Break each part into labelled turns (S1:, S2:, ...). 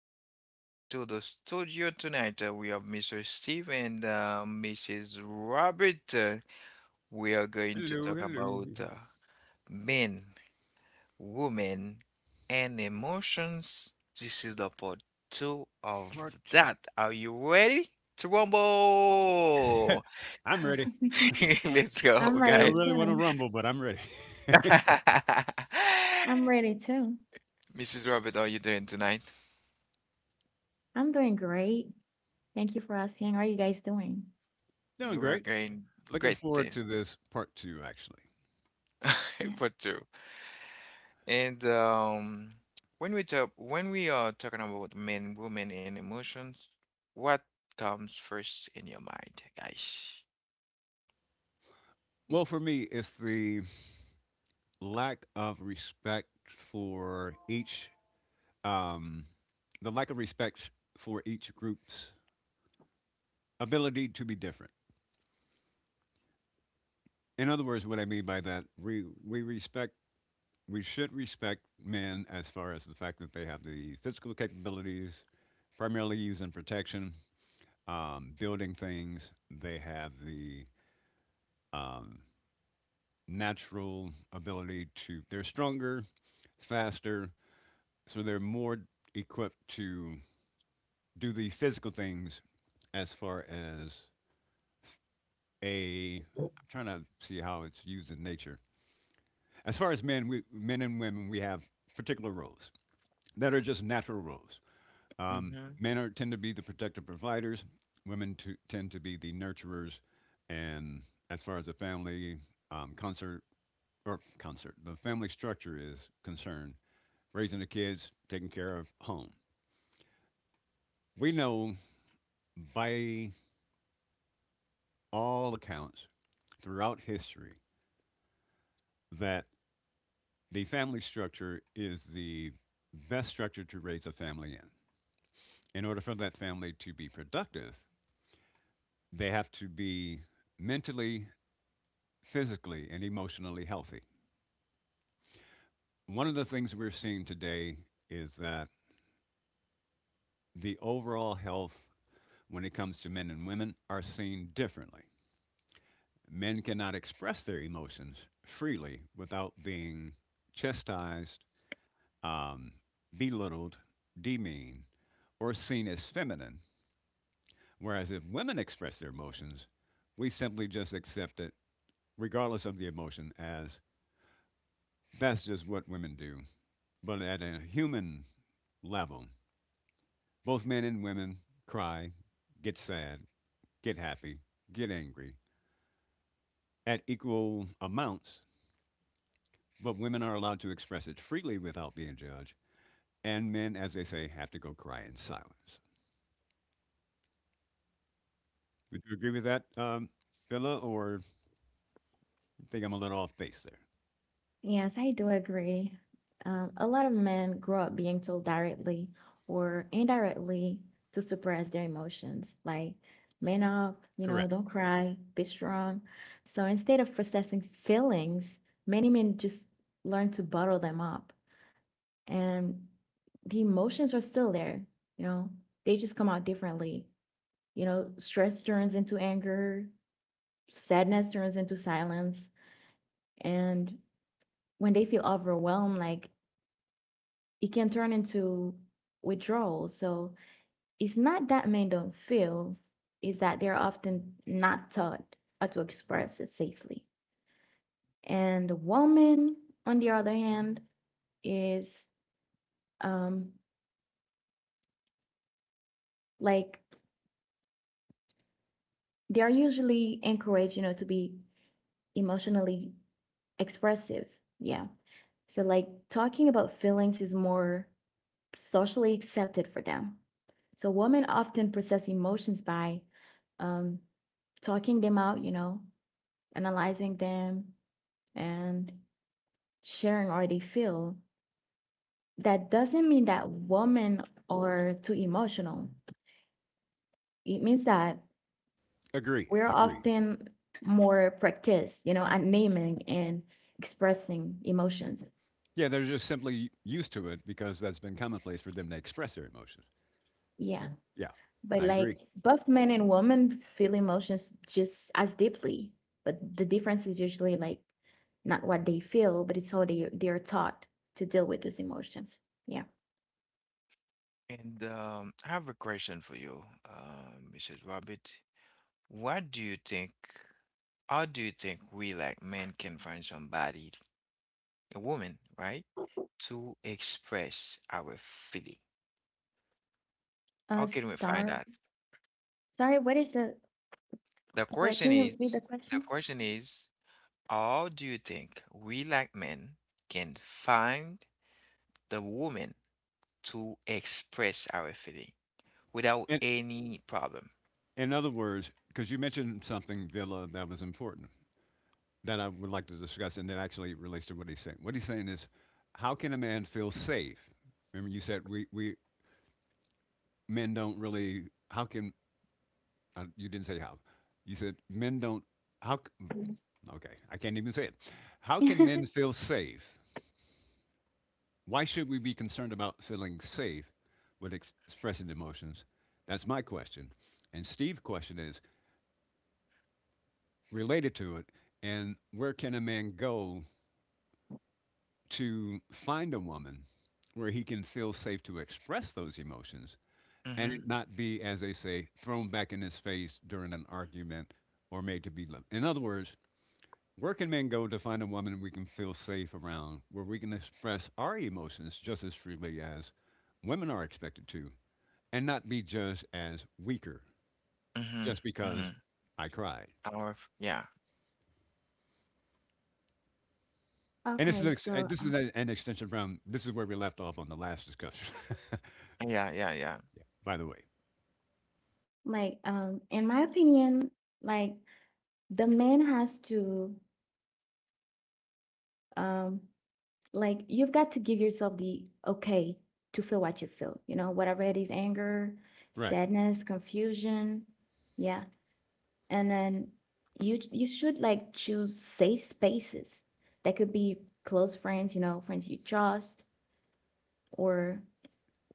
S1: welcome back to the studio tonight. We have Mr. Steve and Mrs. Robert. We are going to
S2: Hello,
S1: talk
S2: hello.
S1: about men, women, and emotions. This is the part two
S2: Part
S1: of
S2: two.
S1: that. Are you ready? Trumbo!
S2: I'm ready.
S1: Let's go,
S2: Don't
S1: guys.
S2: really want to rumble, but I'm ready.
S1: Mrs. Robert, how are you doing tonight? We
S2: Doing
S1: are
S2: great.
S1: going
S2: Looking
S1: great.
S2: forward to this part two, actually.
S1: Part two. And when we are talking about men, women, and emotions, what comes first in your mind, guys?
S2: Well, for me, it's the lack of respect for each, um, the lack of respect for each group's ability to be different. In other words, what I mean by that, we respect, we should respect men as far as the fact that they have the physical capabilities, primarily used in protection, building things. They have the um, natural ability to, they're stronger, faster, so they're more equipped to do the physical things as far as a, I'm trying to see how it's used in nature. As far as men, we, men and women, we have particular roles that are just natural roles.
S1: Mm-hmm.
S2: Men are, tend to be the protective providers. Women to, tend to be the nurturers. And as far as the family um, concert concert, the family structure is concerned, raising the kids, taking care of home. We know by all accounts throughout history that the family structure is the best structure to raise a family in. In order for that family to be productive, they have to be mentally physically and emotionally healthy. One of the things we're seeing today is that the overall health when it comes to men and women are seen differently. Men cannot express their emotions freely without being chastised, um, belittled, demeaned, or seen as feminine. Whereas if women express their emotions, we simply just accept it, regardless of the emotion, as that's just what women do. But at a human level, both men and women cry, get sad, get happy, get angry at equal amounts, but women are allowed to express it freely without being judged, and men, as they say, have to go cry in silence. Would you agree with that, Villa, or think I'm a little off base there? Correct. Agreed. Agreed. Yeah, they're just simply used to it because that's been commonplace for them to express their emotions. Yeah, I agree.
S1: And I have a question for you, Mrs. Robert. What do you think? How do you think we like men can find somebody, a woman, right, to express our feeling? How can we find that? The question is, the question is. How do you think we like men can find the woman to express our feeling without
S2: In,
S1: any problem?
S2: in other words, because you mentioned something, Villa, that was important, that I would like to discuss, and that actually relates to what he's saying. What he's saying is, how can a man feel safe? Remember, you said we men don't really. How can you didn't say how? You said men don't. How? c- Okay, I can't even say it. How can men feel safe? Why should we be concerned about feeling safe with expressing emotions? That's my question. And Steve's question is related to it. And where can a man go to find a woman where he can feel safe to express those emotions and
S1: Mm-hmm.
S2: it not be, as they say, thrown back in his face during an argument or made to be loved. In other words, where can men go to find a woman we can feel safe around, where we can express our emotions just as freely as women are expected to, and not be judged as weaker
S1: Mm-hmm.
S2: just
S1: Mm-hmm.
S2: because I cried?
S1: Our f- yeah.
S2: And this is an extension from this is where we left off on the last discussion.
S1: Yeah, yeah, yeah.
S2: Yeah. By the way, right.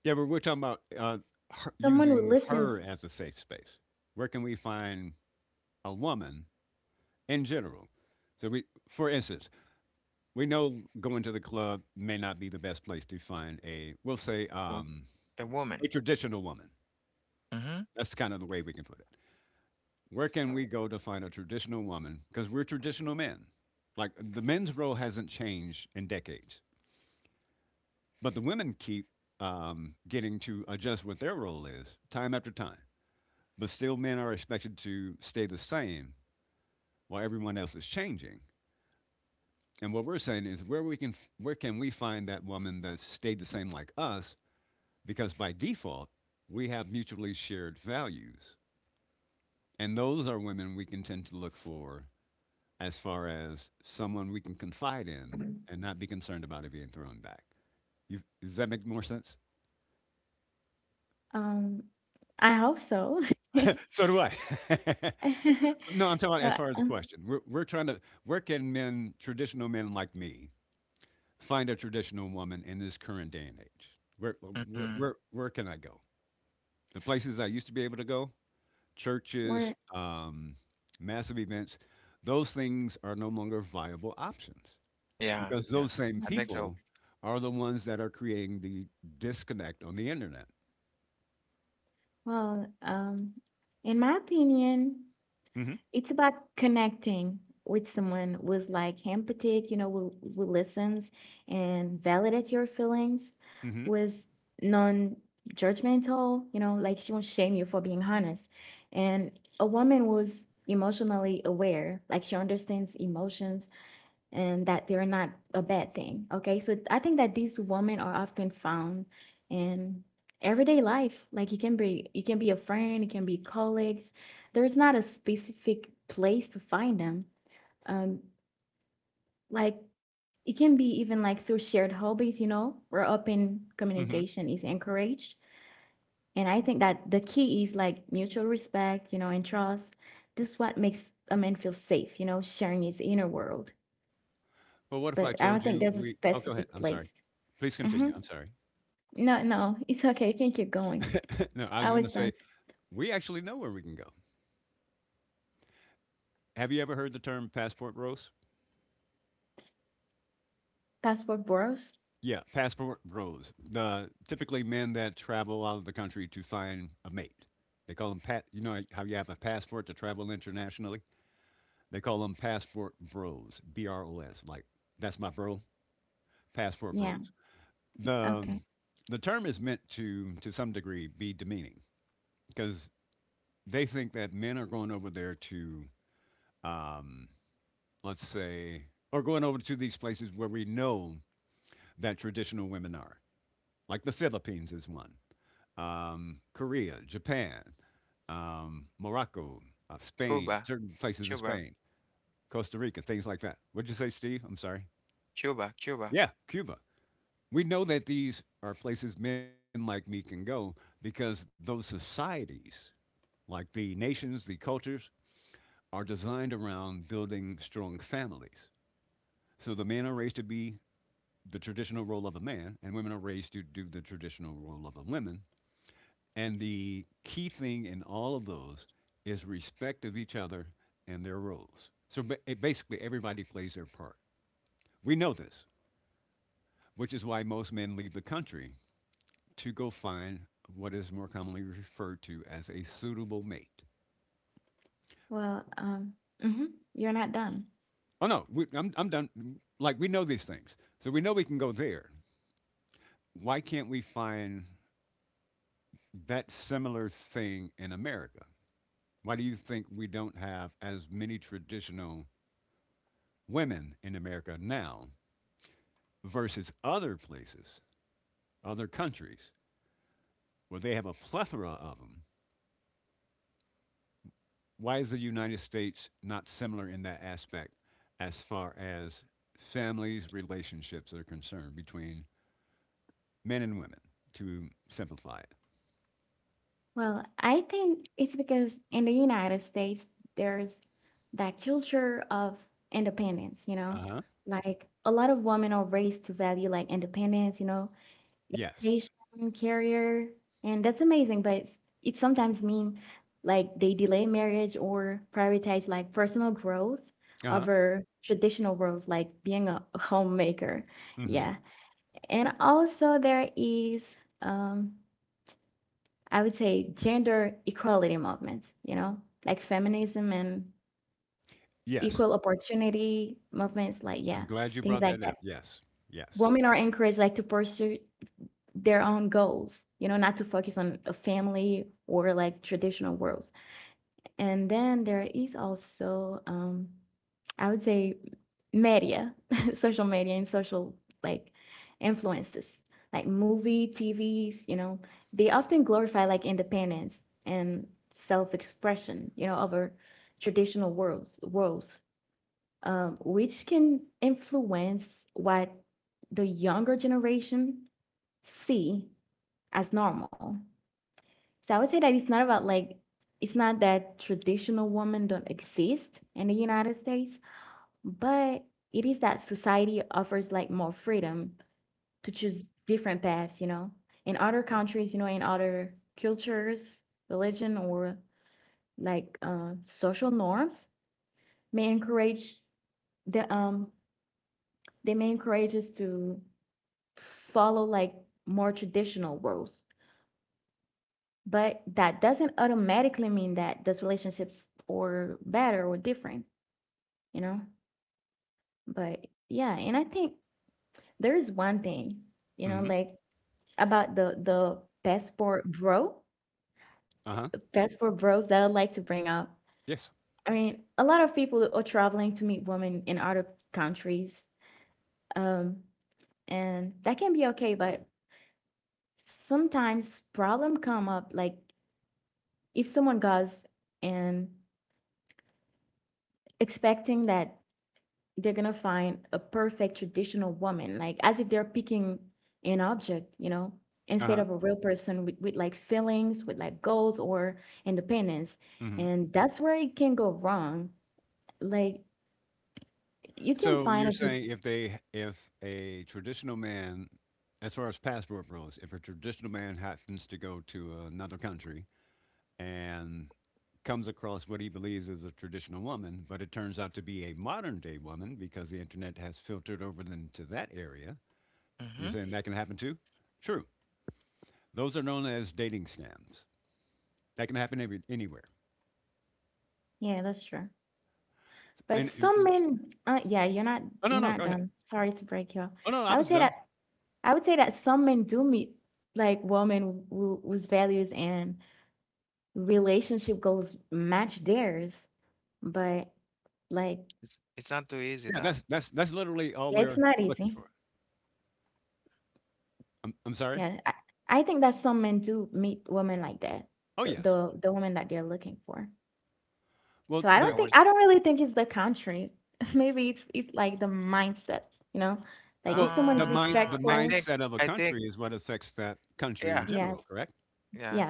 S2: Yeah, but we're talking about her, using her as a safe space. Where can we find a woman in general? So we, for instance, we know going to the club may not be the best place to find a, we'll say,
S1: Wo- a woman.
S2: a traditional woman.
S1: Mm-hmm.
S2: That's kind of the way we can put it. Where can we go to find a traditional woman? Because we're traditional men. Like the men's role hasn't changed in decades, but the women keep getting to adjust what their role is time after time. But still, men are expected to stay the same while everyone else is changing. And what we're saying is where can we find that woman that stayed the same like us? Because by default, we have mutually shared values. And those are women we can tend to look for as far as someone we can confide in and not be concerned about it being thrown back. You, does that make more sense? So do I. But no, I'm talking about as far as the question. We're trying to, where can men, traditional men like me, find a traditional woman in this current day and age?
S1: Mm-hmm.
S2: Where can I go? The places I used to be able to go, churches, massive events, those things are no longer viable options
S1: Yeah,
S2: because
S1: yeah.
S2: those same
S1: I think so.
S2: people are the ones that are creating the disconnect on the internet. Mm hmm. Mm hmm. Mm hmm. Well, what if I told you we? Oh, go ahead. I'm sorry. Please continue. I'm sorry. No, I was going to say we actually know where we can go. Have you ever heard the term passport rose? Yeah, passport bros. The typically men that travel out of the country to find a mate. They call them pat. You know how you have a passport to travel internationally. They call them passport bros. B R O S. Like that's my bro. Passport bros. The um, the term is meant to some degree be demeaning because they think that men are going over there to um, let's say or going over to these places where we know that traditional women are. Like the Philippines is one. Korea, Japan, Morocco, Spain,
S1: Cuba,
S2: certain places in
S1: Cuba,
S2: Spain, Costa Rica, things like that. What'd you say, Steve? I'm sorry.
S1: Cuba, Cuba.
S2: Yeah, Cuba. We know that these are places men like me can go because those societies, like the nations, the cultures, are designed around building strong families. So the men are raised to be the traditional role of a man, and women are raised to do the traditional role of a woman. And the key thing in all of those is respect of each other and their roles. So it basically, everybody plays their part. We know this, which is why most men leave the country to go find what is more commonly referred to as a suitable mate. Oh, no, I'm done. Like, we know these things. So we know we can go there. Why can't we find that similar thing in America? Why do you think we don't have as many traditional women in America now versus other places, other countries, where they have a plethora of them, why is the United States not similar in that aspect as far as families, relationships are concerned between men and women, to simplify it? Uh huh. Yes. Uh huh. Mm hmm. Yes. I'm glad you brought that up. Yes. Yes. Mm hmm. Uh huh. Yes. Uh huh. Mm hmm. So you're saying if they if a traditional man, as far as passport rules, if a traditional man happens to go to another country and comes across what he believes is a traditional woman, but it turns out to be a modern day woman because the internet has filtered over into that area, you're
S1: Mm-hmm.
S2: saying that can happen too? True. Those are known as dating scams. That can happen every, anywhere. And oh no go ahead. Oh no, I was done.
S1: It's not too easy
S2: Yeah,
S1: that
S2: that's literally all we're looking for. I'm sorry. Oh yes. Well,
S1: I
S2: the
S1: was
S2: well,
S1: uh
S2: the
S1: I think
S2: mindset of a
S1: I think
S2: country is what affects that country in
S1: yeah,
S2: general, correct?
S1: yeah.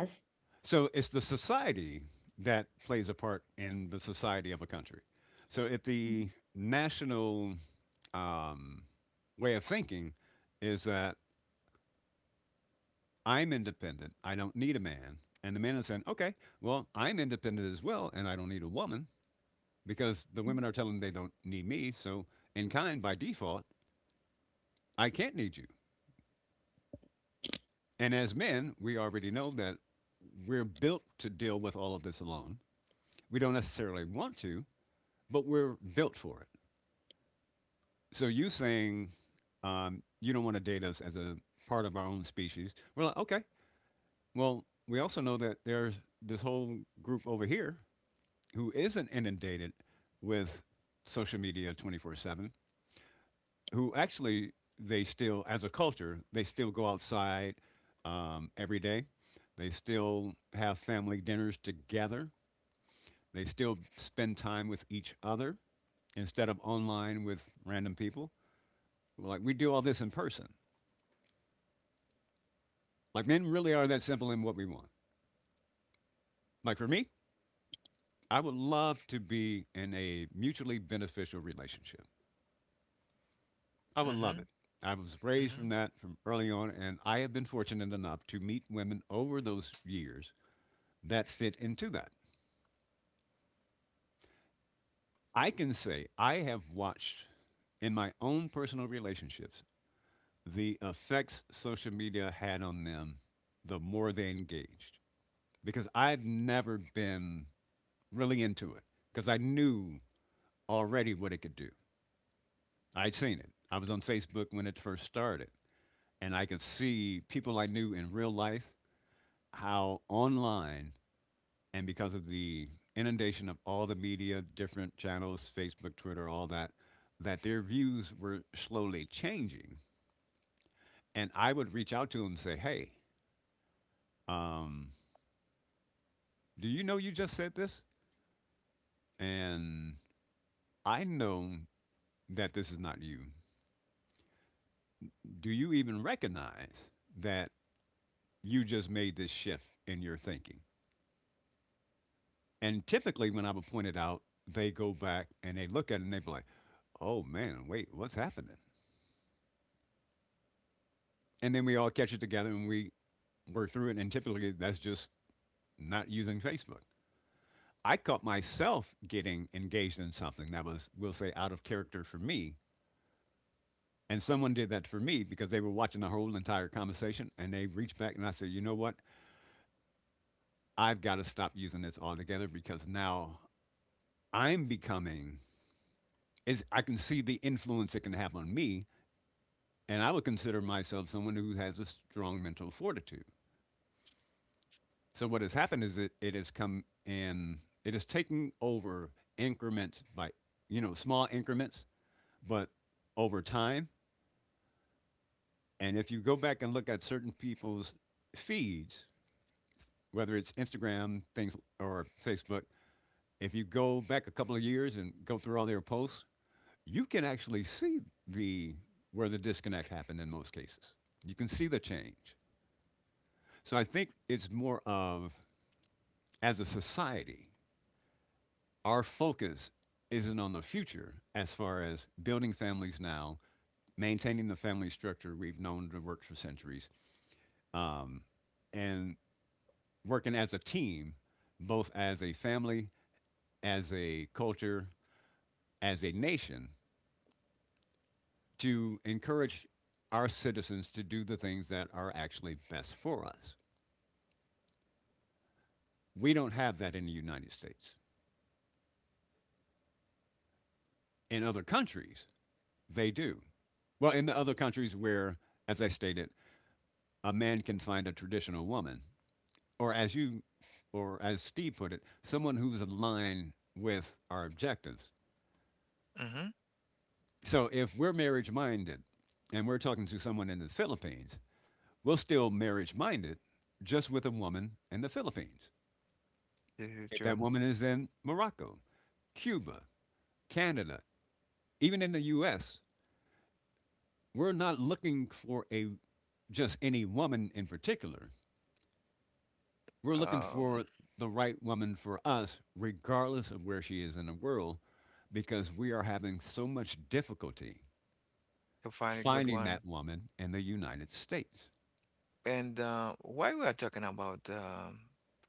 S2: So it's the society that plays a part in the society of a country. So if the national um, way of thinking is that I'm independent, I don't need a man, and the man is saying, okay, well, I'm independent as well, and I don't need a woman because the women are telling them they don't need me. So in kind, by default, I can't need you. And as men, we already know that we're built to deal with all of this alone. We don't necessarily want to, but we're built for it. So you saying you don't want to date us as a part of our own species, we're like, okay. Well, we also know that there's this whole group over here who isn't inundated with social media 24/7 who actually they still, as a culture, they still go outside every day. They still have family dinners together. They still spend time with each other instead of online with random people. Like we do all this in person. Like men really are that simple in what we want. Like for me, I would love to be in a mutually beneficial relationship. I would
S1: Mm-hmm.
S2: love it. I was raised from
S1: Mm-hmm.
S2: that from early on, and I have been fortunate enough to meet women over those years that fit into that. I can say I have watched in my own personal relationships the effects social media had on them the more they engaged because I've never been really into it because I knew already what it could do. I'd seen it. I was on Facebook when it first started and I could see people I knew in real life how online and because of the inundation of all the media, different channels, Facebook, Twitter, all that, that their views were slowly changing. And I would reach out to them and say, hey, um, do you know you just said this? And I know that this is not you. Do you even recognize that you just made this shift in your thinking? And typically, when I would point it out, they go back and they look at it and they be like, oh man, wait, what's happening? And then we all catch it together and we work through it. And typically, that's just not using Facebook. I caught myself getting engaged in something that was, we'll say, out of character for me. And someone did that for me because they were watching the whole entire conversation and they reached back and I said, you know what? I've got to stop using this altogether because now I'm becoming, is I can see the influence it can have on me. And I would consider myself someone who has a strong mental fortitude. So what has happened is it has come in, it has taken over increments by, small increments, but over time. And if you go back and look at certain people's feeds, whether it's Instagram, things or Facebook, if you go back a couple of years and go through all their posts, you can actually see the where the disconnect happened in most cases. You can see the change. So I think it's more of, as a society, our focus isn't on the future as far as building families now, maintaining the family structure we've known to work for centuries, um, and working as a team, both as a family, as a culture, as a nation, to encourage our citizens to do the things that are actually best for us. We don't have that in the United States. In other countries, they do. Well, in the other countries where, as I stated, a man can find a traditional woman, or as you, or as Steve put it, someone who's in line with our objectives.
S1: Mm-hmm.
S2: So if we're marriage minded and we're talking to someone in the Philippines, we're still marriage minded just with a woman in the Philippines.
S1: This is
S2: If
S1: true.
S2: that woman is in Morocco, Cuba, Canada, even in the US, we're not looking for a just any woman in particular. We're looking
S1: Um,
S2: for the right woman for us, regardless of where she is in the world, because we are having so much difficulty
S1: to find a good
S2: finding
S1: one.
S2: that woman in the United States.
S1: And while we are talking about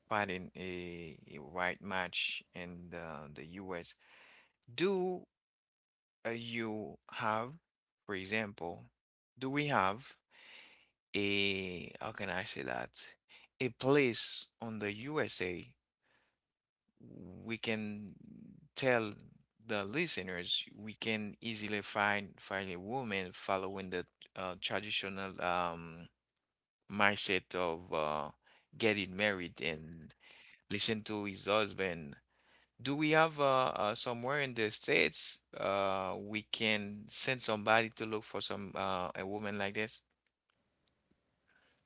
S1: finding a right match in the US, do you have, for example, do we have how can I say that, a place on the USA we can tell the listeners we can easily find a woman following the traditional mindset of getting married and listen to his husband. Do we have somewhere in the States we can send somebody to look for some a woman like this?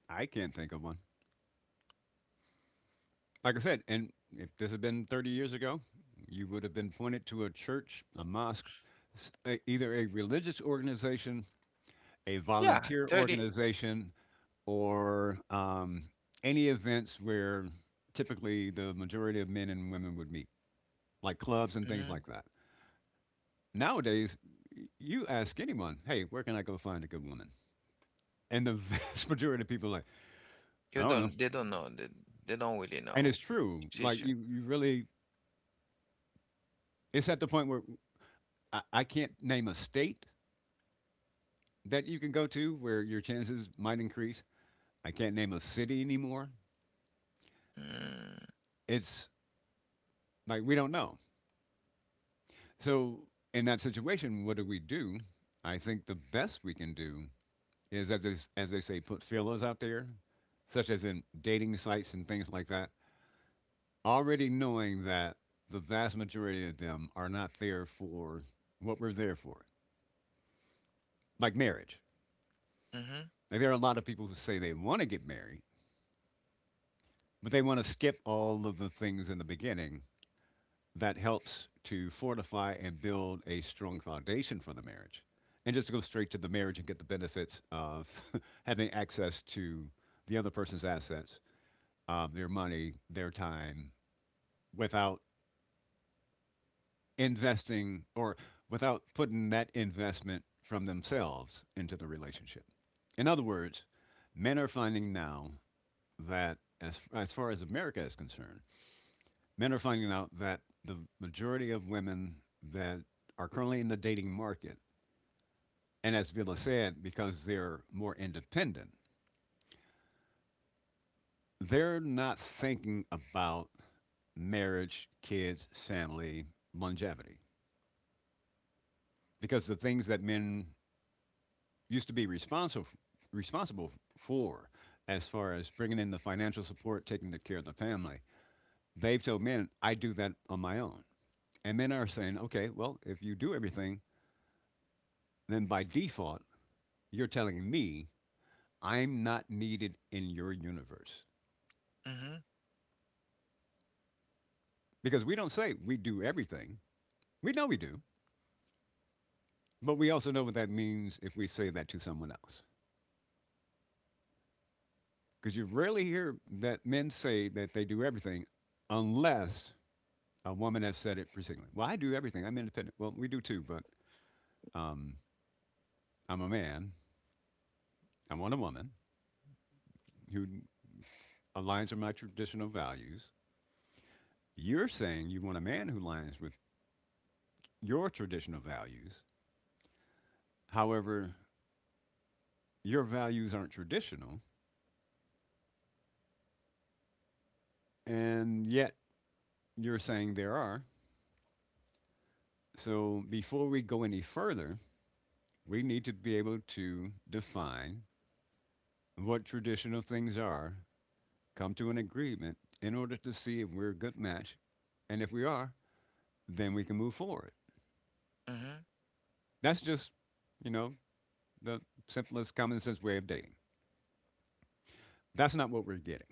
S2: I can't think of one. Like I said, and if this had been 30 years ago, you would have been pointed to a church, a mosque, either a religious organization, a
S1: Yeah,
S2: volunteer
S1: 30.
S2: organization, or any events where typically the majority of men and women would meet. Like clubs and things
S1: Mm-hmm.
S2: like that. Nowadays, you ask anyone, hey, where can I go find a good woman? And the vast majority of people are like, I
S1: You
S2: don't know.
S1: don't, they don't know. They don't really
S2: And
S1: know.
S2: it's true. Like,
S1: Teacher.
S2: you really, it's at the point where I can't name a state that you can go to where your chances might increase. I can't name a city anymore.
S1: Mm-hmm.
S2: It's like, we don't know. So, in that situation, what do we do? I think the best we can do is, as they say, put feelers out there, such as in dating sites and things like that, already knowing that the vast majority of them are not there for what we're there for, like marriage.
S1: Mm-hmm.
S2: Like, there are a lot of people who say they want to get married, but they want to skip all of the things in the beginning that helps to fortify and build a strong foundation for the marriage, and just to go straight to the marriage and get the benefits of having access to the other person's assets, their money, their time, without investing, or without putting that investment from themselves into the relationship. In other words, men are finding now that, as far as America is concerned, men are finding out that the majority of women that are currently in the dating market, and as Villa said, because they're more independent, they're not thinking about marriage, kids, family, longevity. Because the things that men used to be responsible for, as far as bringing in the financial support, taking the care of the family. They've told men, I do that on my own. And men are saying, okay, well, if you do everything, then by default, you're telling me I'm not needed in your universe.
S1: Mm-hmm.
S2: Because we don't say we do everything. We know we do, but we also know what that means if we say that to someone else. Because you rarely hear that men say that they do everything unless a woman has said it particularly. Well, I do everything. I'm independent. Well, we do too, but um, I'm a man. I want a woman who aligns with my traditional values. You're saying you want a man who aligns with your traditional values. However, your values aren't traditional, and yet you're saying there are. So before we go any further, we need to be able to define what traditional things are, come to an agreement in order to see if we're a good match, and if we are, then we can move forward.
S1: Mm-hmm.
S2: That's just, you know, the simplest common sense way of dating. That's not what we're getting.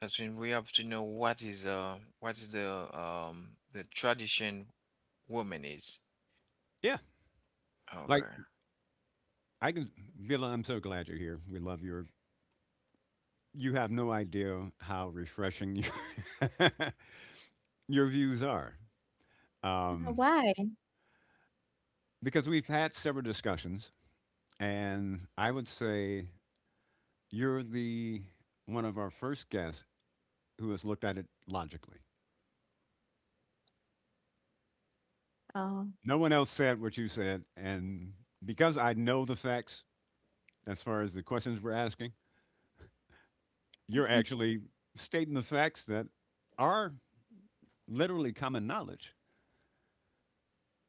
S1: That's when we have to know what is the tradition woman is.
S2: Yeah. Like
S1: Okay.
S2: I can Villa, I'm so glad you're here. We love your, you have no idea how refreshing your, your views are. Um, because we've had several discussions, and I would say you're the one of our first guests who has looked at it logically. No one else said what you said, and because I know the facts as far as the questions we're asking. You're actually stating the facts that are literally common knowledge,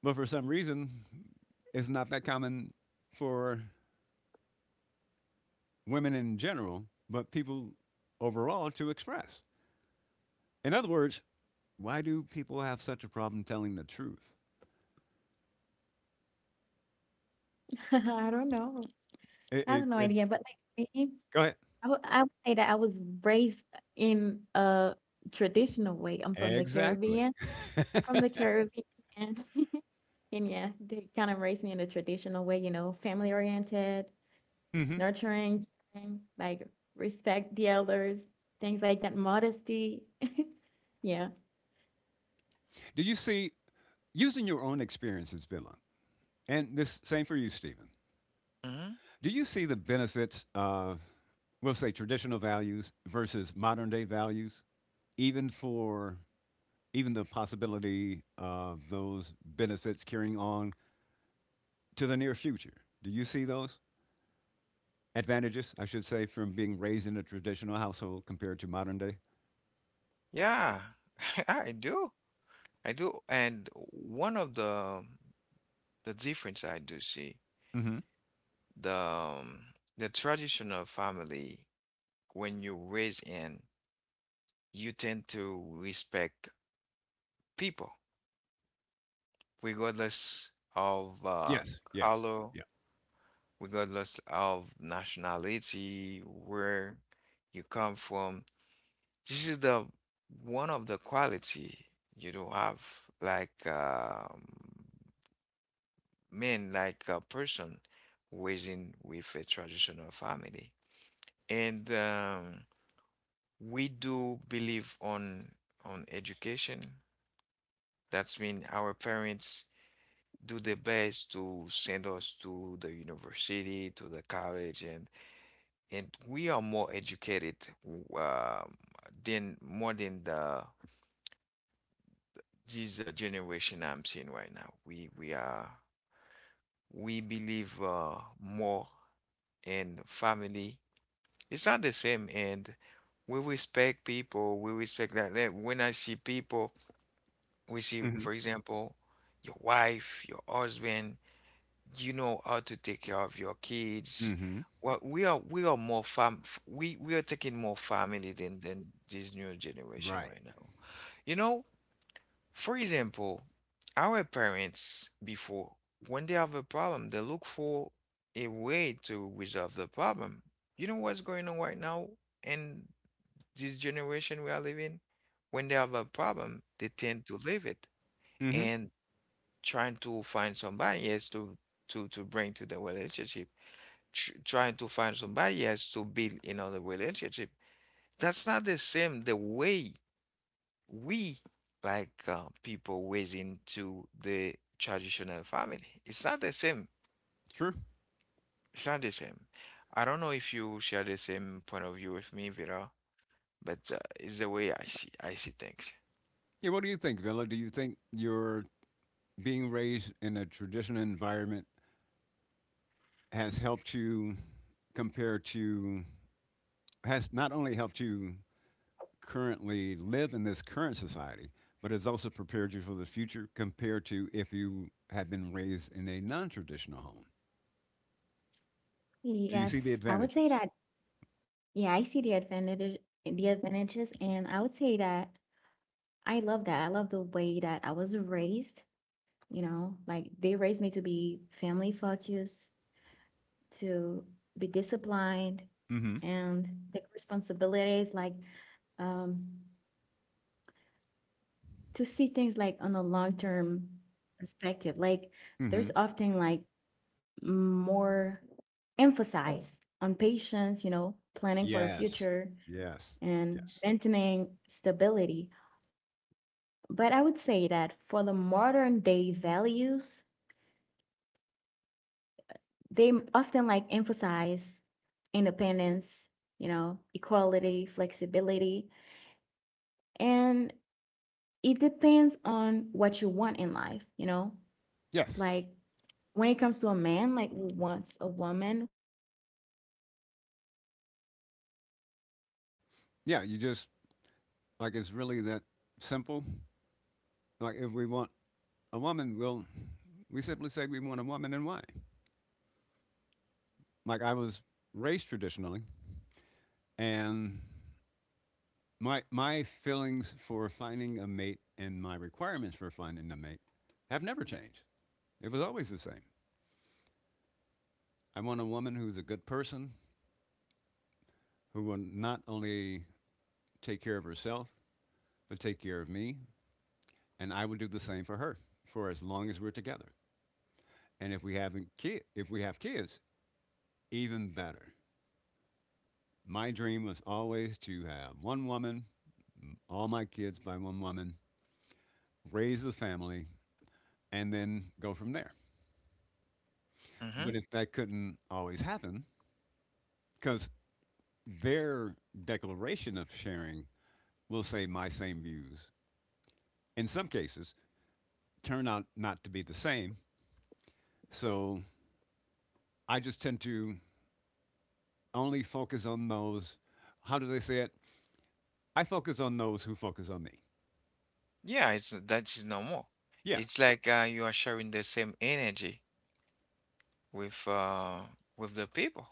S2: but for some reason, it's not that common for women in general, but people overall to express. In other words, why do people have such a problem telling the truth? It, it, it, Go ahead. Exactly. hmm Do you see, using your own experiences, Villa, and this same for you, Stephen?
S1: Mm-hmm.
S2: Do you see the benefits of, we'll say, traditional values versus modern day values, even for even the possibility of those benefits carrying on to the near future? Do you see those advantages, I should say, from being raised in a traditional household compared to modern day?
S1: Yeah, I do. I do. And one of the difference I do see,
S2: Mm-hmm.
S1: the um, the traditional family, when you raise in, you tend to respect people, regardless of
S2: Yes. Yes.
S1: color,
S2: Yeah.
S1: regardless of nationality, where you come from. This is the one of the quality you do have, like men like a person raising with a traditional family. And we do believe on education. That's mean our parents do their best to send us to the university, to the college, and we are more educated um, than more than the this generation I'm seeing right now. We are we believe more in family. It's not the same. And we respect people. We respect that. When I see people, we see,
S2: Mm-hmm.
S1: for example, your wife, your husband. You know how to take care of your kids.
S2: Mm-hmm.
S1: Well, we are more we are taking more family than this new generation
S2: Right.
S1: right now. You know, for example, our parents before, when they have a problem, they look for a way to resolve the problem. You know what's going on right now in this generation we are living, when they have a problem, they tend to leave it
S2: Mm-hmm.
S1: and trying to find somebody else to bring to the relationship, tr trying to find somebody else to build another relationship. That's not the same the way we like people ways into the traditional family. It's not the same.
S2: True.
S1: It's not the same. I don't know if you share the same point of view with me, Vera, but it's the way I see things.
S2: Yeah. What do you think, Villa? Do you think your being raised in a traditional environment has helped you compared to has not only helped you currently live in this current society, but has also prepared you for the future compared to if you had been raised in a non traditional home. Do you see the advantages? Mm hmm. Mm hmm. Yes. Yes. Yes. Yes. Yeah. You just, like, it's really that simple. Like, if we want a woman, we simply say we want a woman and why. Like, I was raised traditionally, and my feelings for finding a mate and my requirements for finding a mate have never changed. It was always the same. I want a woman who's a good person who will not only take care of herself but take care of me, and I will do the same for her for as long as we're together. And if we have kids, even better. My dream was always to have one woman, all my kids by one woman, raise the family, and then go from there. But
S1: Mm-hmm.
S2: if that couldn't always happen, because their declaration of sharing will say my same views. In some cases, turn out not to be the same. So I just tend to only focus on those. How do they say it? I focus on those who focus on me.
S1: Yeah, it's that's normal.
S2: Yeah,
S1: It's like you are sharing the same energy with uh with the people.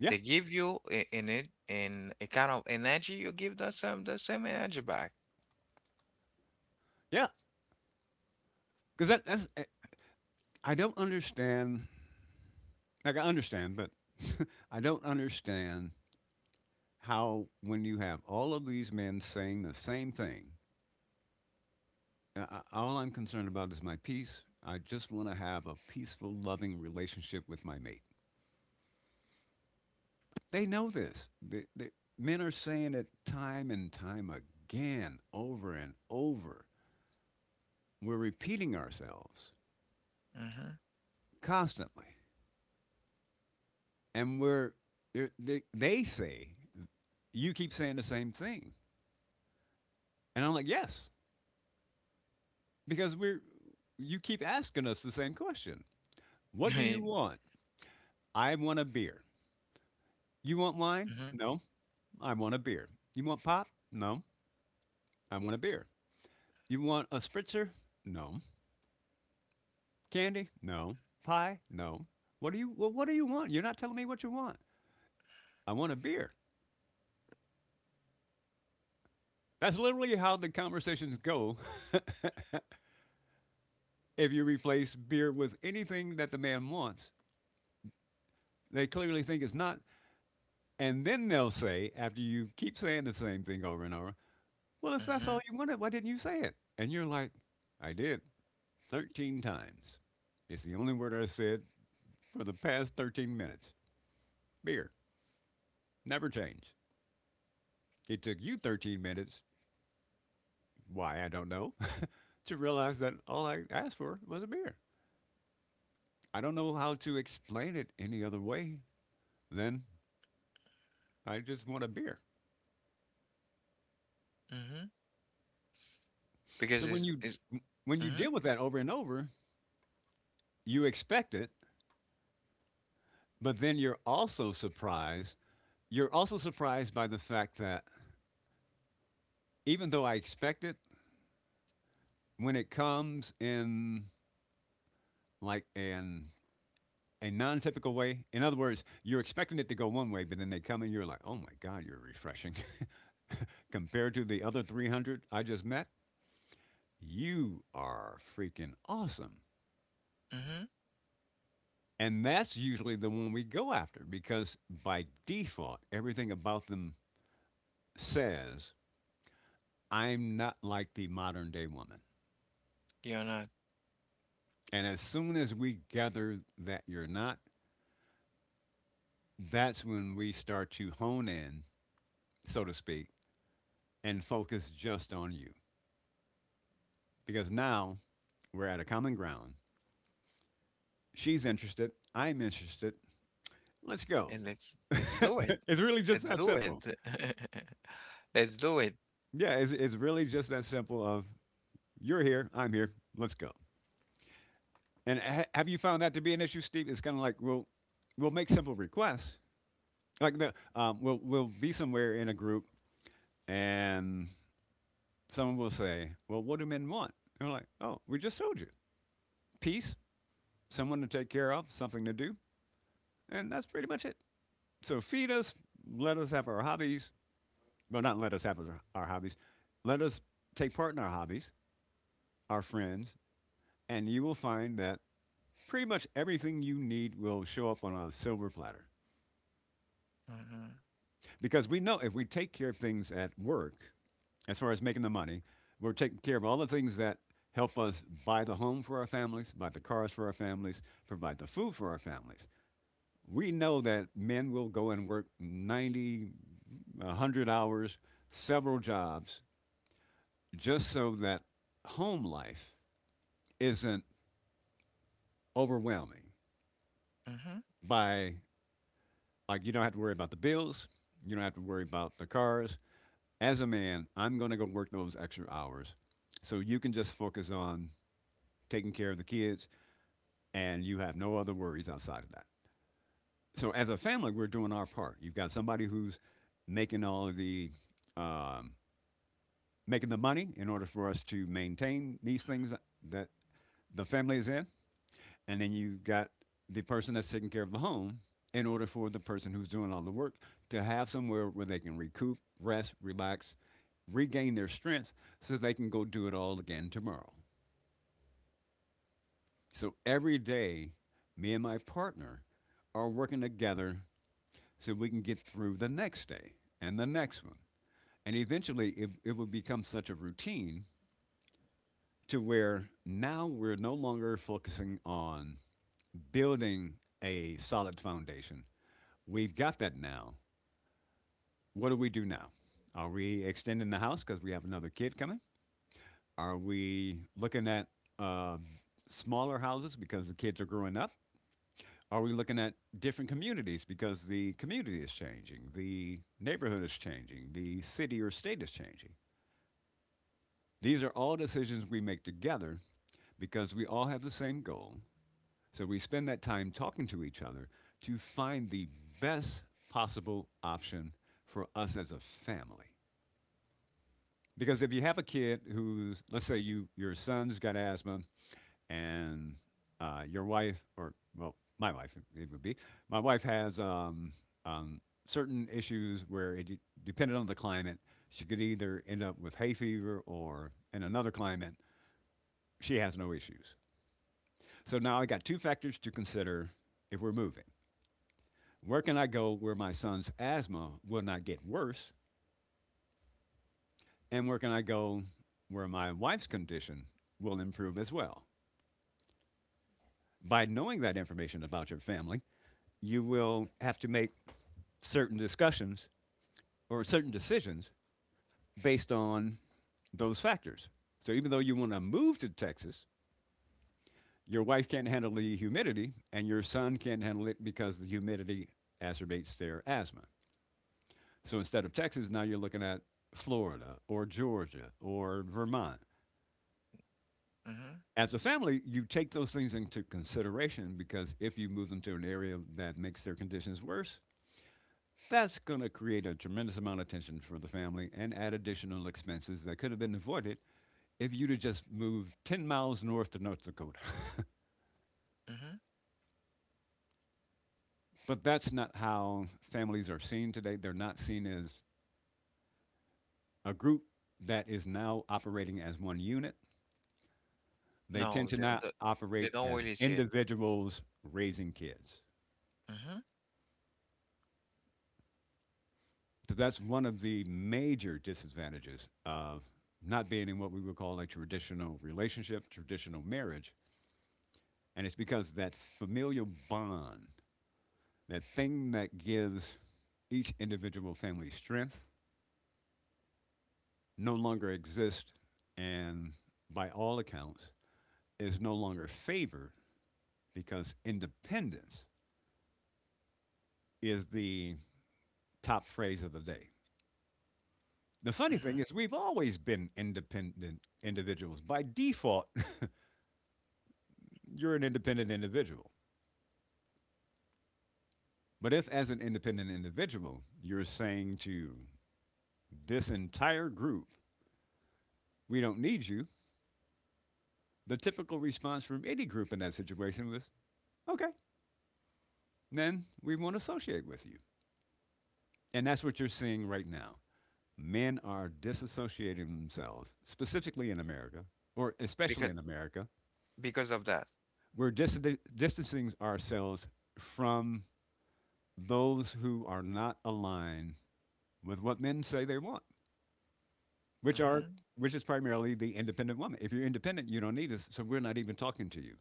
S2: yeah,
S1: They give you an it in a kind of energy, you give the same energy back.
S2: yeah. Because I don't understand. Like, I understand, but I don't understand how when you have all of these men saying the same thing, I- all I'm concerned about is my peace. I just want to have a peaceful, loving relationship with my mate. They know this. Men are saying it time and time again, over and over. We're repeating ourselves
S1: Mm-hmm.
S2: constantly. And they say, you keep saying the same thing. And I'm like, yes, because you keep asking us the same question. What do you want? I want a beer. You want wine?
S1: Mm-hmm.
S2: No, I want a beer. You want pop? No, I want a beer. You want a spritzer? No. Candy? No. Pie? No. What do you Well, what do you want? You're not telling me what you want. I want a beer. That's literally how the conversations go. If you replace beer with anything that the man wants, they clearly think it's not. And then they'll say, after you keep saying the same thing over and over, well, if that's all
S1: Mm-hmm.
S2: you wanted, why didn't you say it? And you're like, I did 13 times. It's the only word I said for the past 13 minutes. Beer. Never changed. It took you 13 minutes, why I don't know, to realize that all I asked for was a beer. I don't know how to explain it any other way than I just want a beer.
S1: Mm-hmm. Because
S2: So when you
S1: it's
S2: when you
S1: mm-hmm.
S2: deal with that over and over, you expect it, but then you're also surprised. You're also surprised by the fact that even though I expect it, when it comes in like an a non-typical way. In other words, you're expecting it to go one way, but then they come and you're like, "Oh my God, you're refreshing," compared to the other 300 I just met. You are freaking awesome.
S1: Mm-hmm.
S2: And that's usually the one we go after because by default, everything about them says, I'm not like the modern day woman.
S1: You're not.
S2: And as soon as we gather that you're not, that's when we start to hone in, so to speak, and focus just on you. Because now we're at a common ground. She's interested. I'm interested. Let's go.
S1: And let's do it.
S2: It's really just
S1: Let's
S2: that
S1: do it.
S2: simple.
S1: Let's do it.
S2: Yeah, it's really just that simple of you're here, I'm here, let's go. And have you found that to be an issue, Steve? It's kind of like we'll make simple requests. Like we'll be somewhere in a group, and someone will say, "Well, what do men want?" And we're like, "Oh, we just told you: peace, someone to take care of, something to do, and that's pretty much it." So feed us, let us have our hobbies. Well, not let us have our hobbies. Let us take part in our hobbies, our friends, and you will find that pretty much everything you need will show up on a silver platter.
S1: Mm-hmm.
S2: Because we know if we take care of things at work, as far as making the money, we're taking care of all the things that help us buy the home for our families, buy the cars for our families, provide the food for our families. We know that men will go and work 90, a 100 hours, several jobs, just so that home life isn't overwhelming.
S1: Mm-hmm.
S2: By, like, you don't have to worry about the bills, you don't have to worry about the cars. As a man, I'm going to go work those extra hours, so you can just focus on taking care of the kids and you have no other worries outside of that. So as a family, we're doing our part. You've got somebody who's making all of the um, making the money in order for us to maintain these things that the family is in, and then you got the person that's taking care of the home in order for the person who's doing all the work to have somewhere where they can recoup, rest, relax, regain their strength so they can go do it all again tomorrow. So every day, me and my partner are working together so we can get through the next day and the next one. And eventually, it will become such a routine to where now we're no longer focusing on building a solid foundation. We've got that now. What do we do now? Are we extending the house because we have another kid coming? Are we looking at uh, smaller houses because the kids are growing up? Are we looking at different communities because the community is changing, the neighborhood is changing, the city or state is changing? These are all decisions we make together because we all have the same goal. So we spend that time talking to each other to find the best possible option for us as a family. Because if you have a kid who's, let's say your son's got asthma, and your wife, or well, my wife it would be, my wife has certain issues where it depended on the climate, she could either end up with hay fever or in another climate she has no issues. So now I got two factors to consider if we're moving. Where can I go where my son's asthma will not get worse? And where can I go where my wife's condition will improve as well? By knowing that information about your family, you will have to make certain discussions or certain decisions based on those factors. So even though you want to move to Texas, your wife can't handle the humidity and your son can't handle it because the humidity exacerbates their asthma. So instead of Texas, now you're looking at Florida or Georgia or Vermont.
S1: Mm-hmm.
S2: As a family, you take those things into consideration, because if you move them to an area that makes their conditions worse, that's going to create a tremendous amount of tension for the family and add additional expenses that could have been avoided if you'd have just moved 10 miles north to North Dakota.
S1: Mm-hmm.
S2: But that's not how families are seen today. They're not seen as a group that is now operating as one unit. They tend
S1: No,
S2: to not
S1: they
S2: operate
S1: don't
S2: as
S1: really see it.
S2: individuals raising kids.
S1: Mm-hmm.
S2: So that's one of the major disadvantages of not being in what we would call a traditional relationship, traditional marriage. And it's because that familial bond, that thing that gives each individual family strength, no longer exists and, by all accounts, is no longer favored because independence is the top phrase of the day. The funny
S1: Mm-hmm.
S2: thing is, we've always been independent individuals. By default, you're an independent individual. But if, as an independent individual, you're saying to this entire group, we don't need you, the typical response from any group in that situation was, okay, then we won't associate with you. And that's what you're seeing right now. Men are disassociating themselves, specifically in America, or especially
S1: Because
S2: in America.
S1: of that.
S2: We're distancing ourselves from those who are not aligned with what men say they want, which are
S1: Mm-hmm.
S2: which is primarily the independent woman. If you're independent, you don't need us, so we're not even talking to you.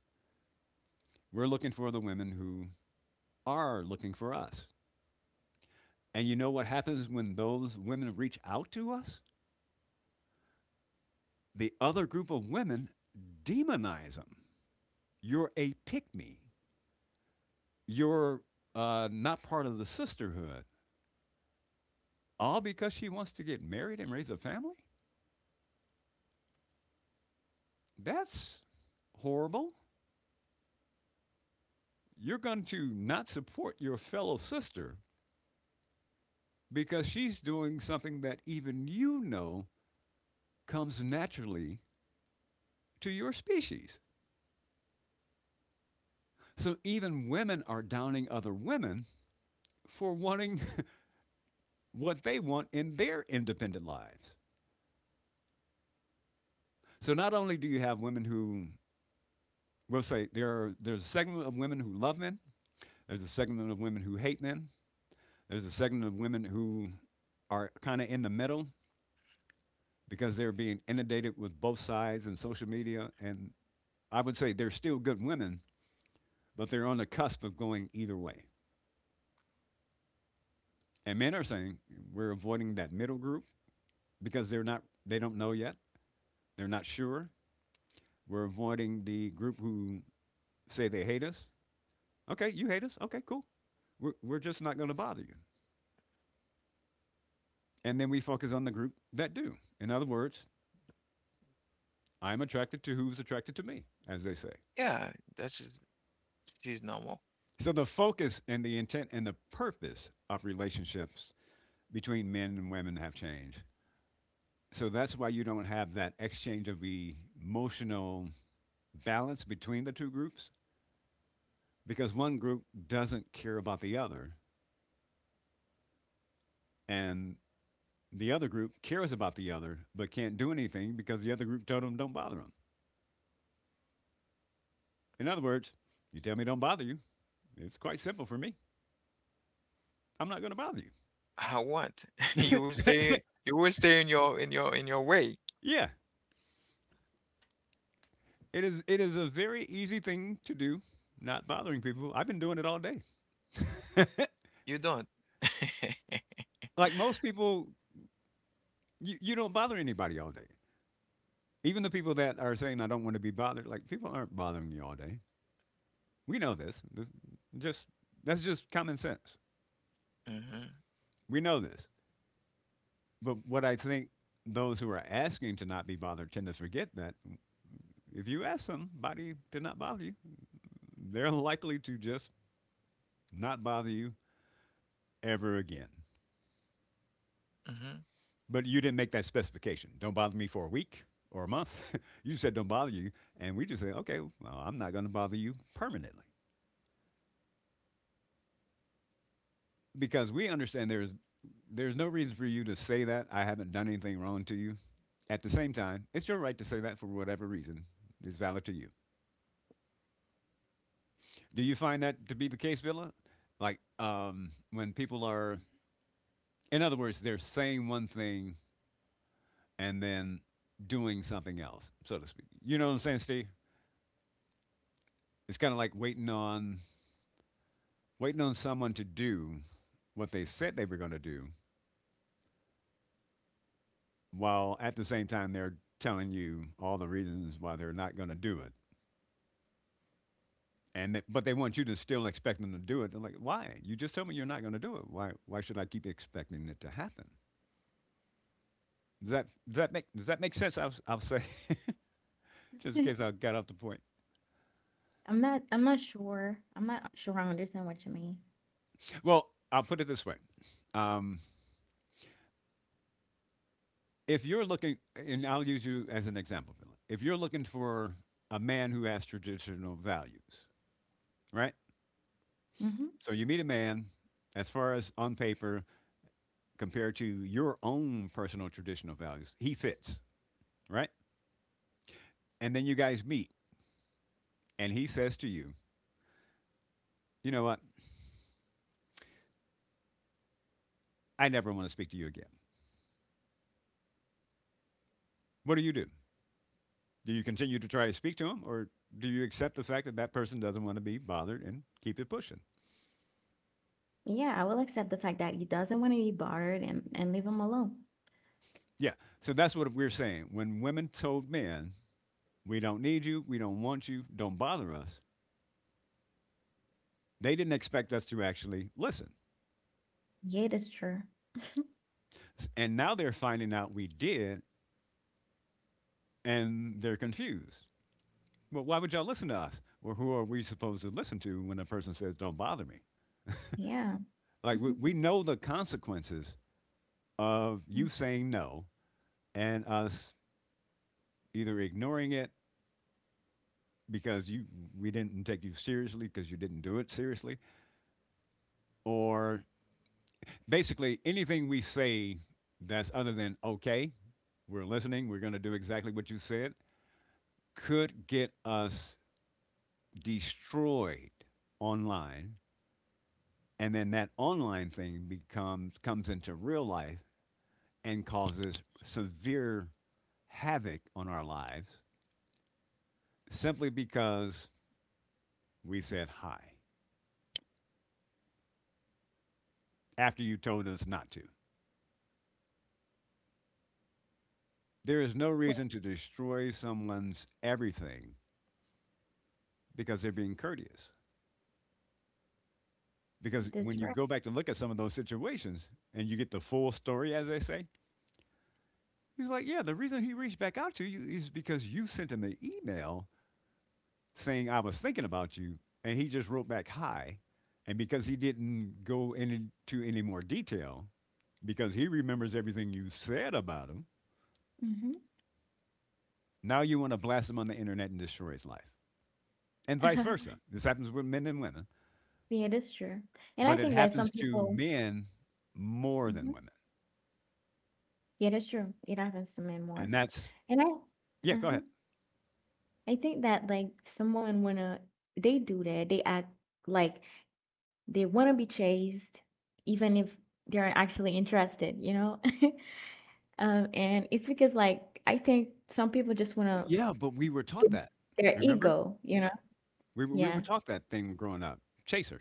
S2: We're looking for the women who are looking for us. And you know what happens when those women reach out to us? The other group of women demonize them. You're a pick me. You're not part of the sisterhood. All because she wants to get married and raise a family? That's horrible. You're going to not support your fellow sister because she's doing something that even you know comes naturally to your species. So even women are downing other women for wanting what they want in their independent lives. So not only do you have women who, we'll say there's a segment of women who love men, there's a segment of women who hate men, there's a segment of women who are kind of in the middle because they're being inundated with both sides and social media, and I would say they're still good women, but they're on the cusp of going either way. And men are saying we're avoiding that middle group because they don't know yet. They're not sure. We're avoiding the group who say they hate us. Okay, you hate us. Okay, cool. We're just not going to bother you. And then we focus on the group that do. In other words, I'm attracted to who's attracted to me, as they say.
S1: Yeah, that's just- she's normal.
S2: So the focus and the intent and the purpose of relationships between men and women have changed. So that's why you don't have that exchange of emotional balance between the two groups, because one group doesn't care about the other, and the other group cares about the other but can't do anything because the other group told them don't bother them. In other words, you tell me don't bother you. It's quite simple for me. I'm not going to bother you.
S1: I want you will stay in your way.
S2: Yeah, it is. It is a very easy thing to do. Not bothering people. I've been doing it all day.
S1: You don't.
S2: Like most people, you don't bother anybody all day. Even the people that are saying I don't want to be bothered, like, people aren't bothering you all day. We know this. This just That's just common sense.
S1: Mm-hmm.
S2: We know this. But what I think those who are asking to not be bothered tend to forget that if you ask somebody to not bother you, they're likely to just not bother you ever again.
S1: Mm-hmm.
S2: But you didn't make that specification. Don't bother me for a week or a month. You said don't bother you. And we just say, okay, well, I'm not going to bother you permanently. Because we understand there's no reason for you to say that. I haven't done anything wrong to you. At the same time, it's your right to say that for whatever reason is valid to you. Do you find that to be the case, Villa? Like when people are, in other words, they're saying one thing and then doing something else, so to speak. You know what I'm saying, Steve? It's kind of like waiting on someone to do what they said they were going to do, while at the same time they're telling you all the reasons why they're not going to do it. But they want you to still expect them to do it. They're like, why? You just told me you're not going to do it. Why? Why should I keep expecting it to happen? Does that make does that make sense? I'll say, just in case I got off the point.
S3: I'm not sure. I'm not sure I understand what you mean.
S2: Well, I'll put it this way: um, if you're looking, and I'll use you as an example, Philip. If you're looking for a man who has traditional values, right?
S3: Hmm.
S2: So you meet a man, as far as on paper, compared to your own personal traditional values, he fits, right? And then you guys meet, and he says to you, you know what? I never want to speak to you again. What do you do? Do you continue to try to speak to him, or do you accept the fact that that person doesn't want to be bothered and keep it pushing?
S3: Yeah, I will accept the fact that he doesn't want to be bothered and leave him alone.
S2: Yeah. So that's what we're saying. When women told men, we don't need you, we don't want you, don't bother us, they didn't expect us to actually listen.
S3: Yeah, that's true.
S2: And now they're finding out we did, and they're confused. Well, why would y'all listen to us? Well, who are we supposed to listen to when a person says, don't bother me?
S3: Yeah.
S2: Like,
S3: Mhm.
S2: we know the consequences of you
S3: Mm.
S2: saying no and us either ignoring it because you we didn't take you seriously because you didn't do it seriously or basically anything we say that's other than okay we're listening we're going to do exactly what you said could get us destroyed online. And then that online thing becomes comes into real life and causes severe havoc on our lives simply because we said hi after you told us not to. There is no
S3: Well,
S2: reason to destroy someone's everything because they're being courteous. Because when
S3: that's
S2: you
S3: right.
S2: go back to look at some of those situations and you get the full story, as they say, he's like, yeah, the reason he reached back out to you is because you sent him an email saying I was thinking about you, and he just wrote back hi, and because he didn't go into any more detail, because he remembers everything you said about him,
S3: Hmm.
S2: now you want to blast him on the internet and destroy his life, and vice versa. This happens with men and women,
S3: Yeah, that's true. And I
S2: but it
S3: think that
S2: happens
S3: some
S2: to
S3: people,
S2: men more than
S3: mhm,
S2: women,
S3: yeah, that's true. It happens to men more.
S2: and that's
S3: And
S2: yeah.
S3: I,
S2: Go
S3: uh
S2: ahead.
S3: I think that like some women wanna, they do that. They act like they wanna be chased, even if they're actually interested, you know? And it's because like I think some people just want to
S2: Yeah, but we were taught that.
S3: boost their
S2: Remember,
S3: ego, you know?
S2: we were
S3: Yeah.
S2: taught that thing growing up. Chaser.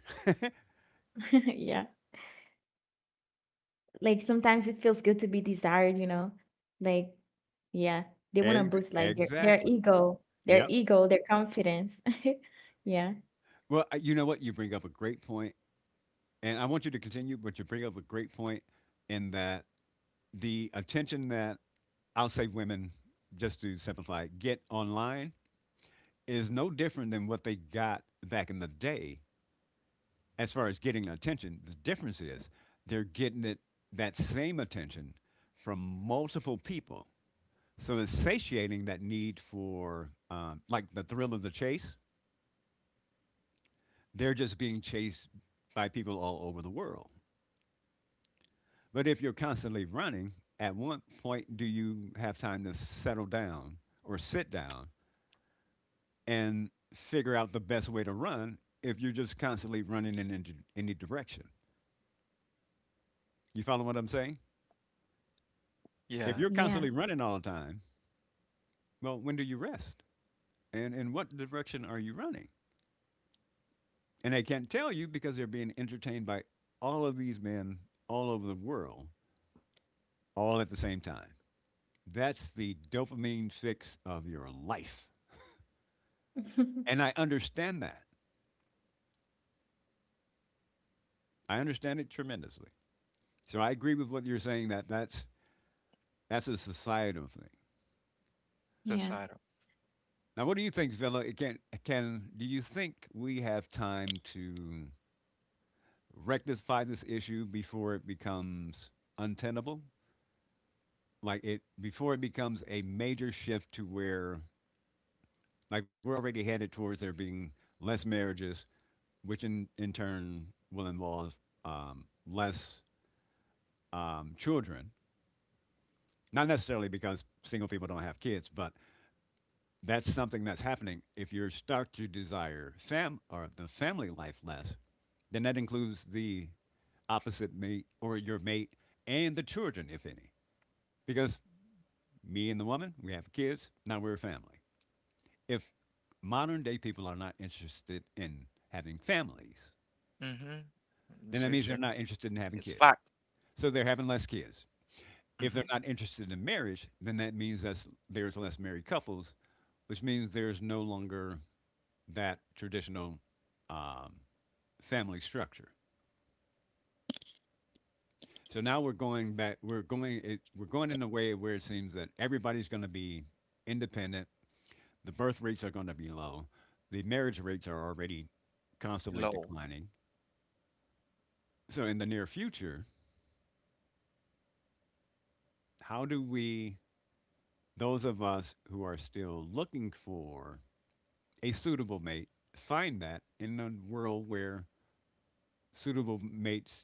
S3: Yeah. Like sometimes it feels good to be desired, you know? Like yeah, they want to boost like their
S2: Exactly.
S3: ego, their
S2: Yep.
S3: ego, their confidence. Yeah.
S2: Well, you know what? You bring up a great point, and I want you to continue, but you bring up a great point in that the attention that I'll say women, just to simplify, get online is no different than what they got back in the day as far as getting attention. The difference is they're getting it that same attention from multiple people. So it's satiating that need for like the thrill of the chase. They're just being chased by people all over the world. But if you're constantly running, at what point do you have time to settle down or sit down and figure out the best way to run if you're just constantly running in any direction? You follow what I'm saying? If
S1: Yeah,
S2: you're
S3: Yeah.
S2: constantly running all the time, well, when do you rest? And in what direction are you running? And they can't tell you because they're being entertained by all of these men all over the world all at the same time. That's the dopamine fix of your life. And I understand that. I understand it tremendously. So I agree with what you're saying that that's a societal thing.
S3: Yeah.
S1: societal.
S2: Now, what do you think, Villa? Can do you think we have time to rectify this issue before it becomes untenable? Like it Before it becomes a major shift to where like we're already headed towards there being less marriages, which in turn will involve less children. Not necessarily because single people don't have kids, but that's something that's happening. If you start to desire fam or the family life less, then that includes the opposite mate or your mate and the children, if any. Because me and the woman, we have kids. Now we're a family. If modern day people are not interested in having families,
S1: Mm-hmm.
S2: then
S1: It's
S2: that means
S1: just
S2: they're not interested in having
S1: it's
S2: kids.
S1: fact.
S2: So they're having less kids. If they're
S1: Mm-hmm.
S2: not interested in marriage, then that means that there's less married couples, which means there's no longer that traditional um, family structure. So now we're going back. We're going in a way where it seems that everybody's going to be independent. The birth rates are going to be low. The marriage rates are already constantly
S1: Low.
S2: declining. So in the near future, how do we, those of us who are still looking for a suitable mate, find that in a world where suitable mates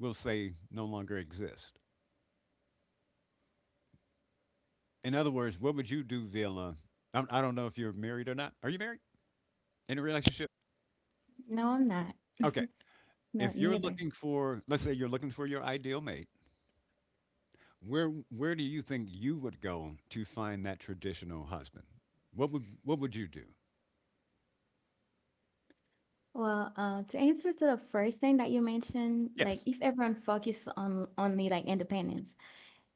S2: we will say no longer exist? In other words, what would you do, Villa? I don't know if you're married or not. Are you married? In a relationship?
S3: No, I'm not.
S2: Okay.
S3: No,
S2: If you're
S3: neither.
S2: looking for, let's say you're looking for your ideal mate, where where do you think you would go to find that traditional husband? What would you do?
S3: Well, to answer the first thing that you mentioned, like
S2: Yes.
S3: if everyone focused on only like independence,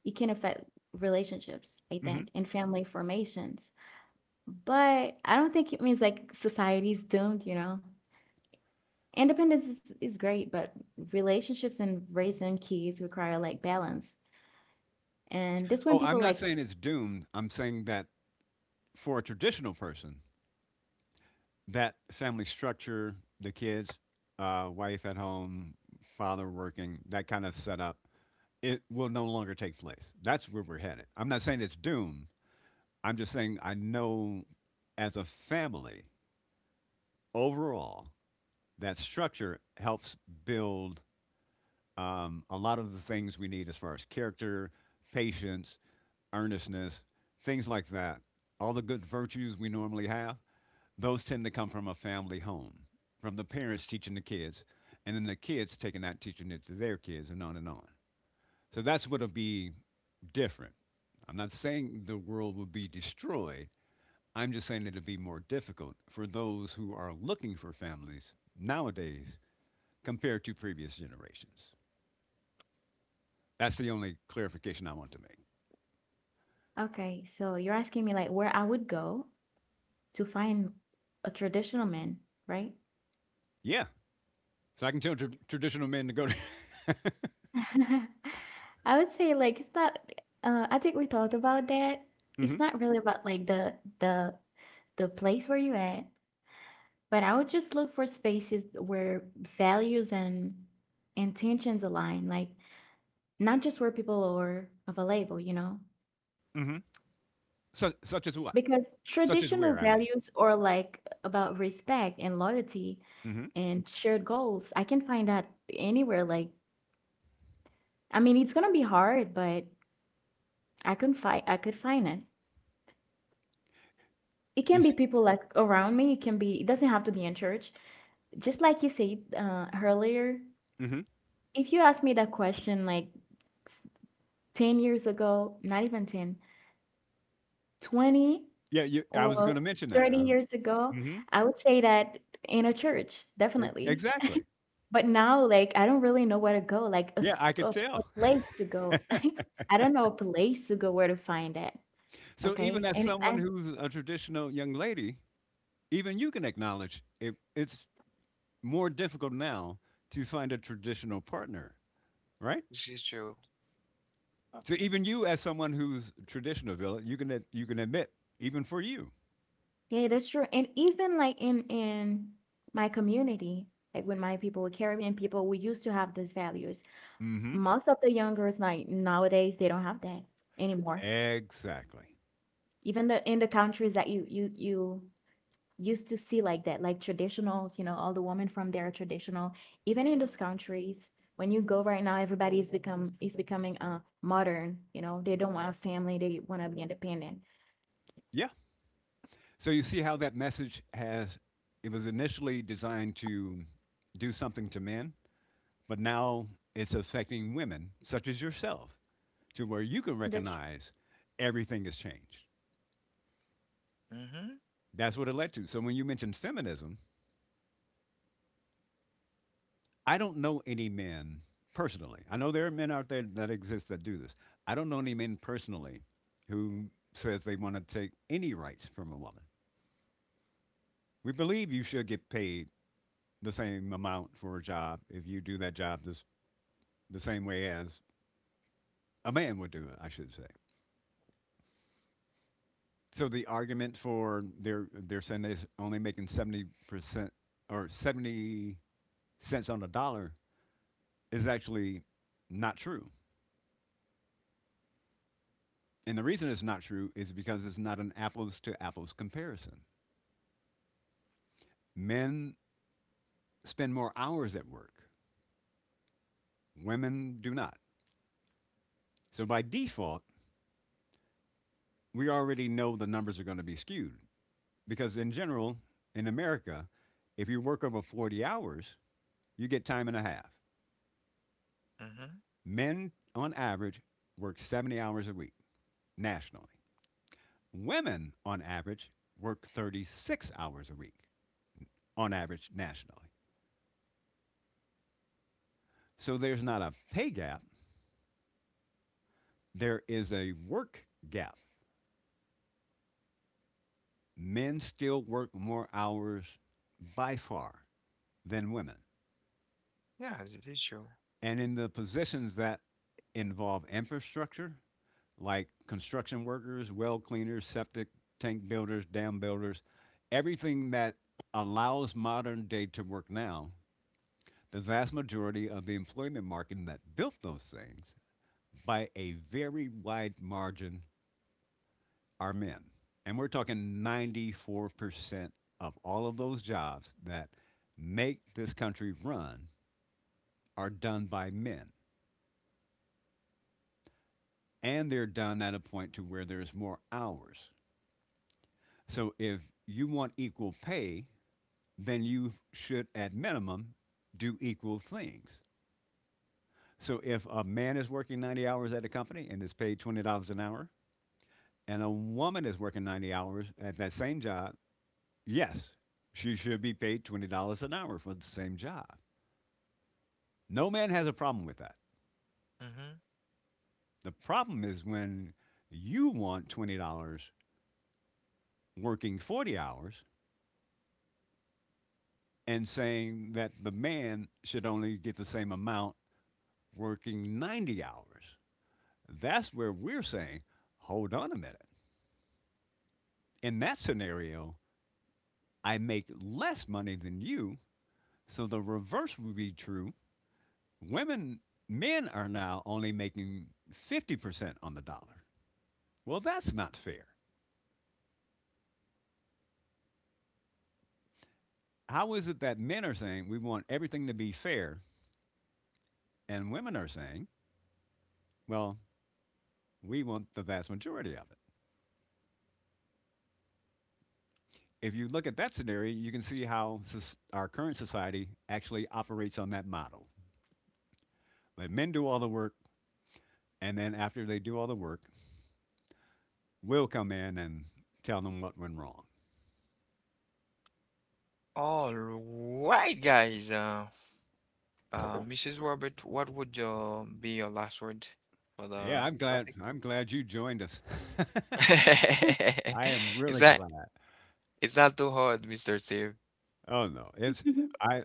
S3: it can affect relationships, I think,
S2: Hmm.
S3: and family formations. But I don't think it means like society's doomed, you know? Independence is great, but relationships and raising kids require like balance. And this when
S2: Oh, I'm
S3: people
S2: not
S3: like,
S2: saying it's doomed. I'm saying that for a traditional person, that family structure, the kids, wife at home, father working, that kind of setup, it will no longer take place. That's where we're headed. I'm not saying it's doomed. I'm just saying I know as a family overall, that structure helps build a lot of the things we need as far as character, patience, earnestness, things like that. All the good virtues we normally have, those tend to come from a family home, from the parents teaching the kids, and then the kids taking that, teaching it to their kids, and on and on. So that's what'll be different. I'm not saying the world will be destroyed. I'm just saying it'll be more difficult for those who are looking for families nowadays compared to previous generations. That's the only clarification I want to make.
S3: okay, so you're asking me like where I would go to find a traditional man, right?
S2: Yeah. So I can tell traditional men to go to.
S3: I would say like it's not, I think we thought about that. It's
S2: Hmm.
S3: not really about like the the place where you at. But I would just look for spaces where values and intentions align, like not just where people are of a label, you know?
S2: mm hmm such as what?
S3: Because
S2: Such as
S3: traditional
S2: where, I mean.
S3: values are like about respect and loyalty
S2: Mm hmm
S3: and shared goals. I can find that anywhere. Like, I mean, it's gonna be hard, but I could find it. It
S2: You
S3: can be
S2: see?
S3: people like around me. It can be. It doesn't have to be in church. Just like you said, earlier,
S2: Mm hmm
S3: if you ask me that question, like 10 years ago, not even 10, 20
S2: Yeah, you, I was going
S3: or
S2: to mention that.
S3: 30 years ago, I would say that in a church, definitely.
S2: Exactly.
S3: But now, like, I don't really know where to go, like a,
S2: Yeah, I could
S3: a
S2: tell.
S3: place to go. I don't know a place to go where to find that.
S2: So even
S3: Okay.
S2: as
S3: And,
S2: someone
S3: and
S2: who's a traditional young lady, even you can acknowledge it, it's more difficult now to find a traditional partner, right?
S1: This is true.
S2: So even you, as someone who's a traditional villain, you can you can admit even for you.
S3: yeah, that's true. And even like in my community, like with my people, with Caribbean people, we used to have those values.
S2: Mm-hmm.
S3: Most of the young girls like nowadays they don't have that anymore.
S2: Exactly.
S3: Even the, in the countries that you used to see like that, like traditionals, you know, all the women from there are traditional, even in those countries when you go right now, everybody is become is becoming, uh, modern, you know, they don't want a family, they want to be independent.
S2: Yeah. So you see how that message has it was initially designed to do something to men, but now it's affecting women such as yourself to where you can
S3: That's true.
S2: recognize everything has changed.
S1: Mm-hmm.
S2: That's what it led to. So when you mentioned feminism, I don't know any men personally. I know there are men out there that exist that do this. I don't know any men personally who says they want to take any rights from a woman. We believe you should get paid the same amount for a job if you do that job this, the same way as a man would do it, I should say. So the argument for they're saying they're only making 70% or 70 cents on the dollar is actually not true. And the reason it's not true is because it's not an apples to apples comparison. Men spend more hours at work, women do not. So by default, we already know the numbers are going to be skewed because, in general, in America, if you work over 40 hours, you get time and a half.
S1: Mhm.
S2: Men, on average, work 70 hours a week nationally. Women, on average, work 36 hours a week on average nationally. So there's not a pay gap. There is a work gap. Men still work more hours by far than women.
S1: Yeah, the visual.
S2: And in the positions that involve infrastructure, like construction workers, well cleaners, septic tank builders, dam builders, everything that allows modern day to work now, the vast majority of the employment market that built those things by a very wide margin are men. And we're talking 94% of all of those jobs that make this country run are done by men. And they're done at a point to where there's more hours. So if you want equal pay, then you should, at minimum, do equal things. So if a man is working 90 hours at a company and is paid $20 an hour, and a woman is working 90 hours at that same job, yes, she should be paid $20 an hour for the same job. No man has a problem with that.
S1: Mm-hmm.
S2: The problem is when you want $20 working 40 hours and saying that the man should only get the same amount working 90 hours. That's where we're saying, hold on a minute. In that scenario, I make less money than you. So the reverse would be true. Women, men are now only making 50% on the dollar. Well, that's not fair. How is it that men are saying we want everything to be fair? And women are saying, well, we want the vast majority of it. If you look at that scenario, you can see how our current society actually operates on that model. Let men do all the work, and then after they do all the work, we'll come in and tell them what went wrong.
S1: All right, guys. Mrs. Robert, what would your be your last word for
S2: Yeah,
S1: the
S2: I'm glad.
S1: topic?
S2: I'm glad you joined us. I am
S1: It's
S2: really
S1: not,
S2: glad.
S1: it's not too hard, Mr. Steve.
S2: Oh no, it's I.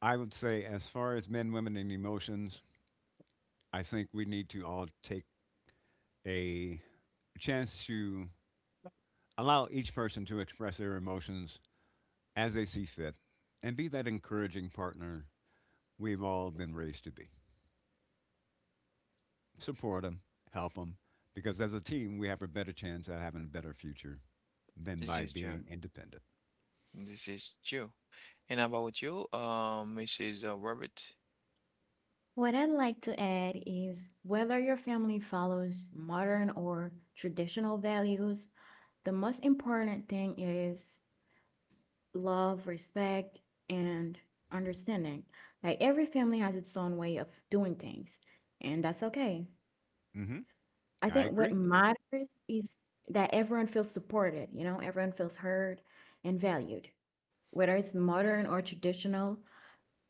S2: I would say as far as men, women, and emotions, I think we need to all take a chance to allow each person to express their emotions as they see fit and be that encouraging partner we've all been raised to be. Support them, help them, because as a team, we have a better chance at having a better future than
S1: This
S2: by
S1: is
S2: being
S1: John.
S2: independent.
S1: This is you. And about you, Mrs. Robert,
S3: What I'd like to add is whether your family follows modern or traditional values, the most important thing is love, respect, and understanding. Like every family has its own way of doing things, and that's okay.
S2: Hmm.
S3: I
S2: I
S3: think what
S2: agree.
S3: matters is that everyone feels supported, you know, everyone feels heard and valued. Whether it's modern or traditional,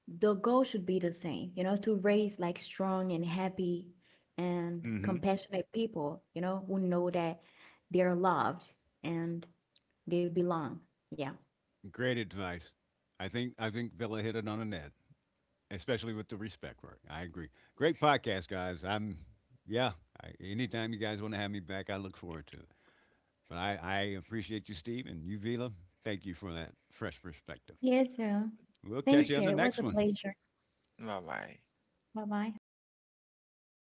S3: the goal should be the same, you know, to raise like strong and happy and
S2: Hmm.
S3: compassionate people, you know, who know that they're loved and they belong. Yeah.
S2: Great advice. I think Villa hit it on the net, especially with the respect part. I agree. Great podcast, guys. I'm yeah. Anytime you guys want to have me back, I look forward to it. But I appreciate you, Steve, and you, Vila. Thank you for that fresh perspective.
S3: You too.
S2: We'll catch
S1: thank
S3: Thank
S2: you
S1: you
S2: on
S3: you.
S2: the
S1: so
S3: It
S1: much.
S3: was
S2: next
S3: a
S2: one.
S3: pleasure.
S1: Bye bye.
S3: Bye bye.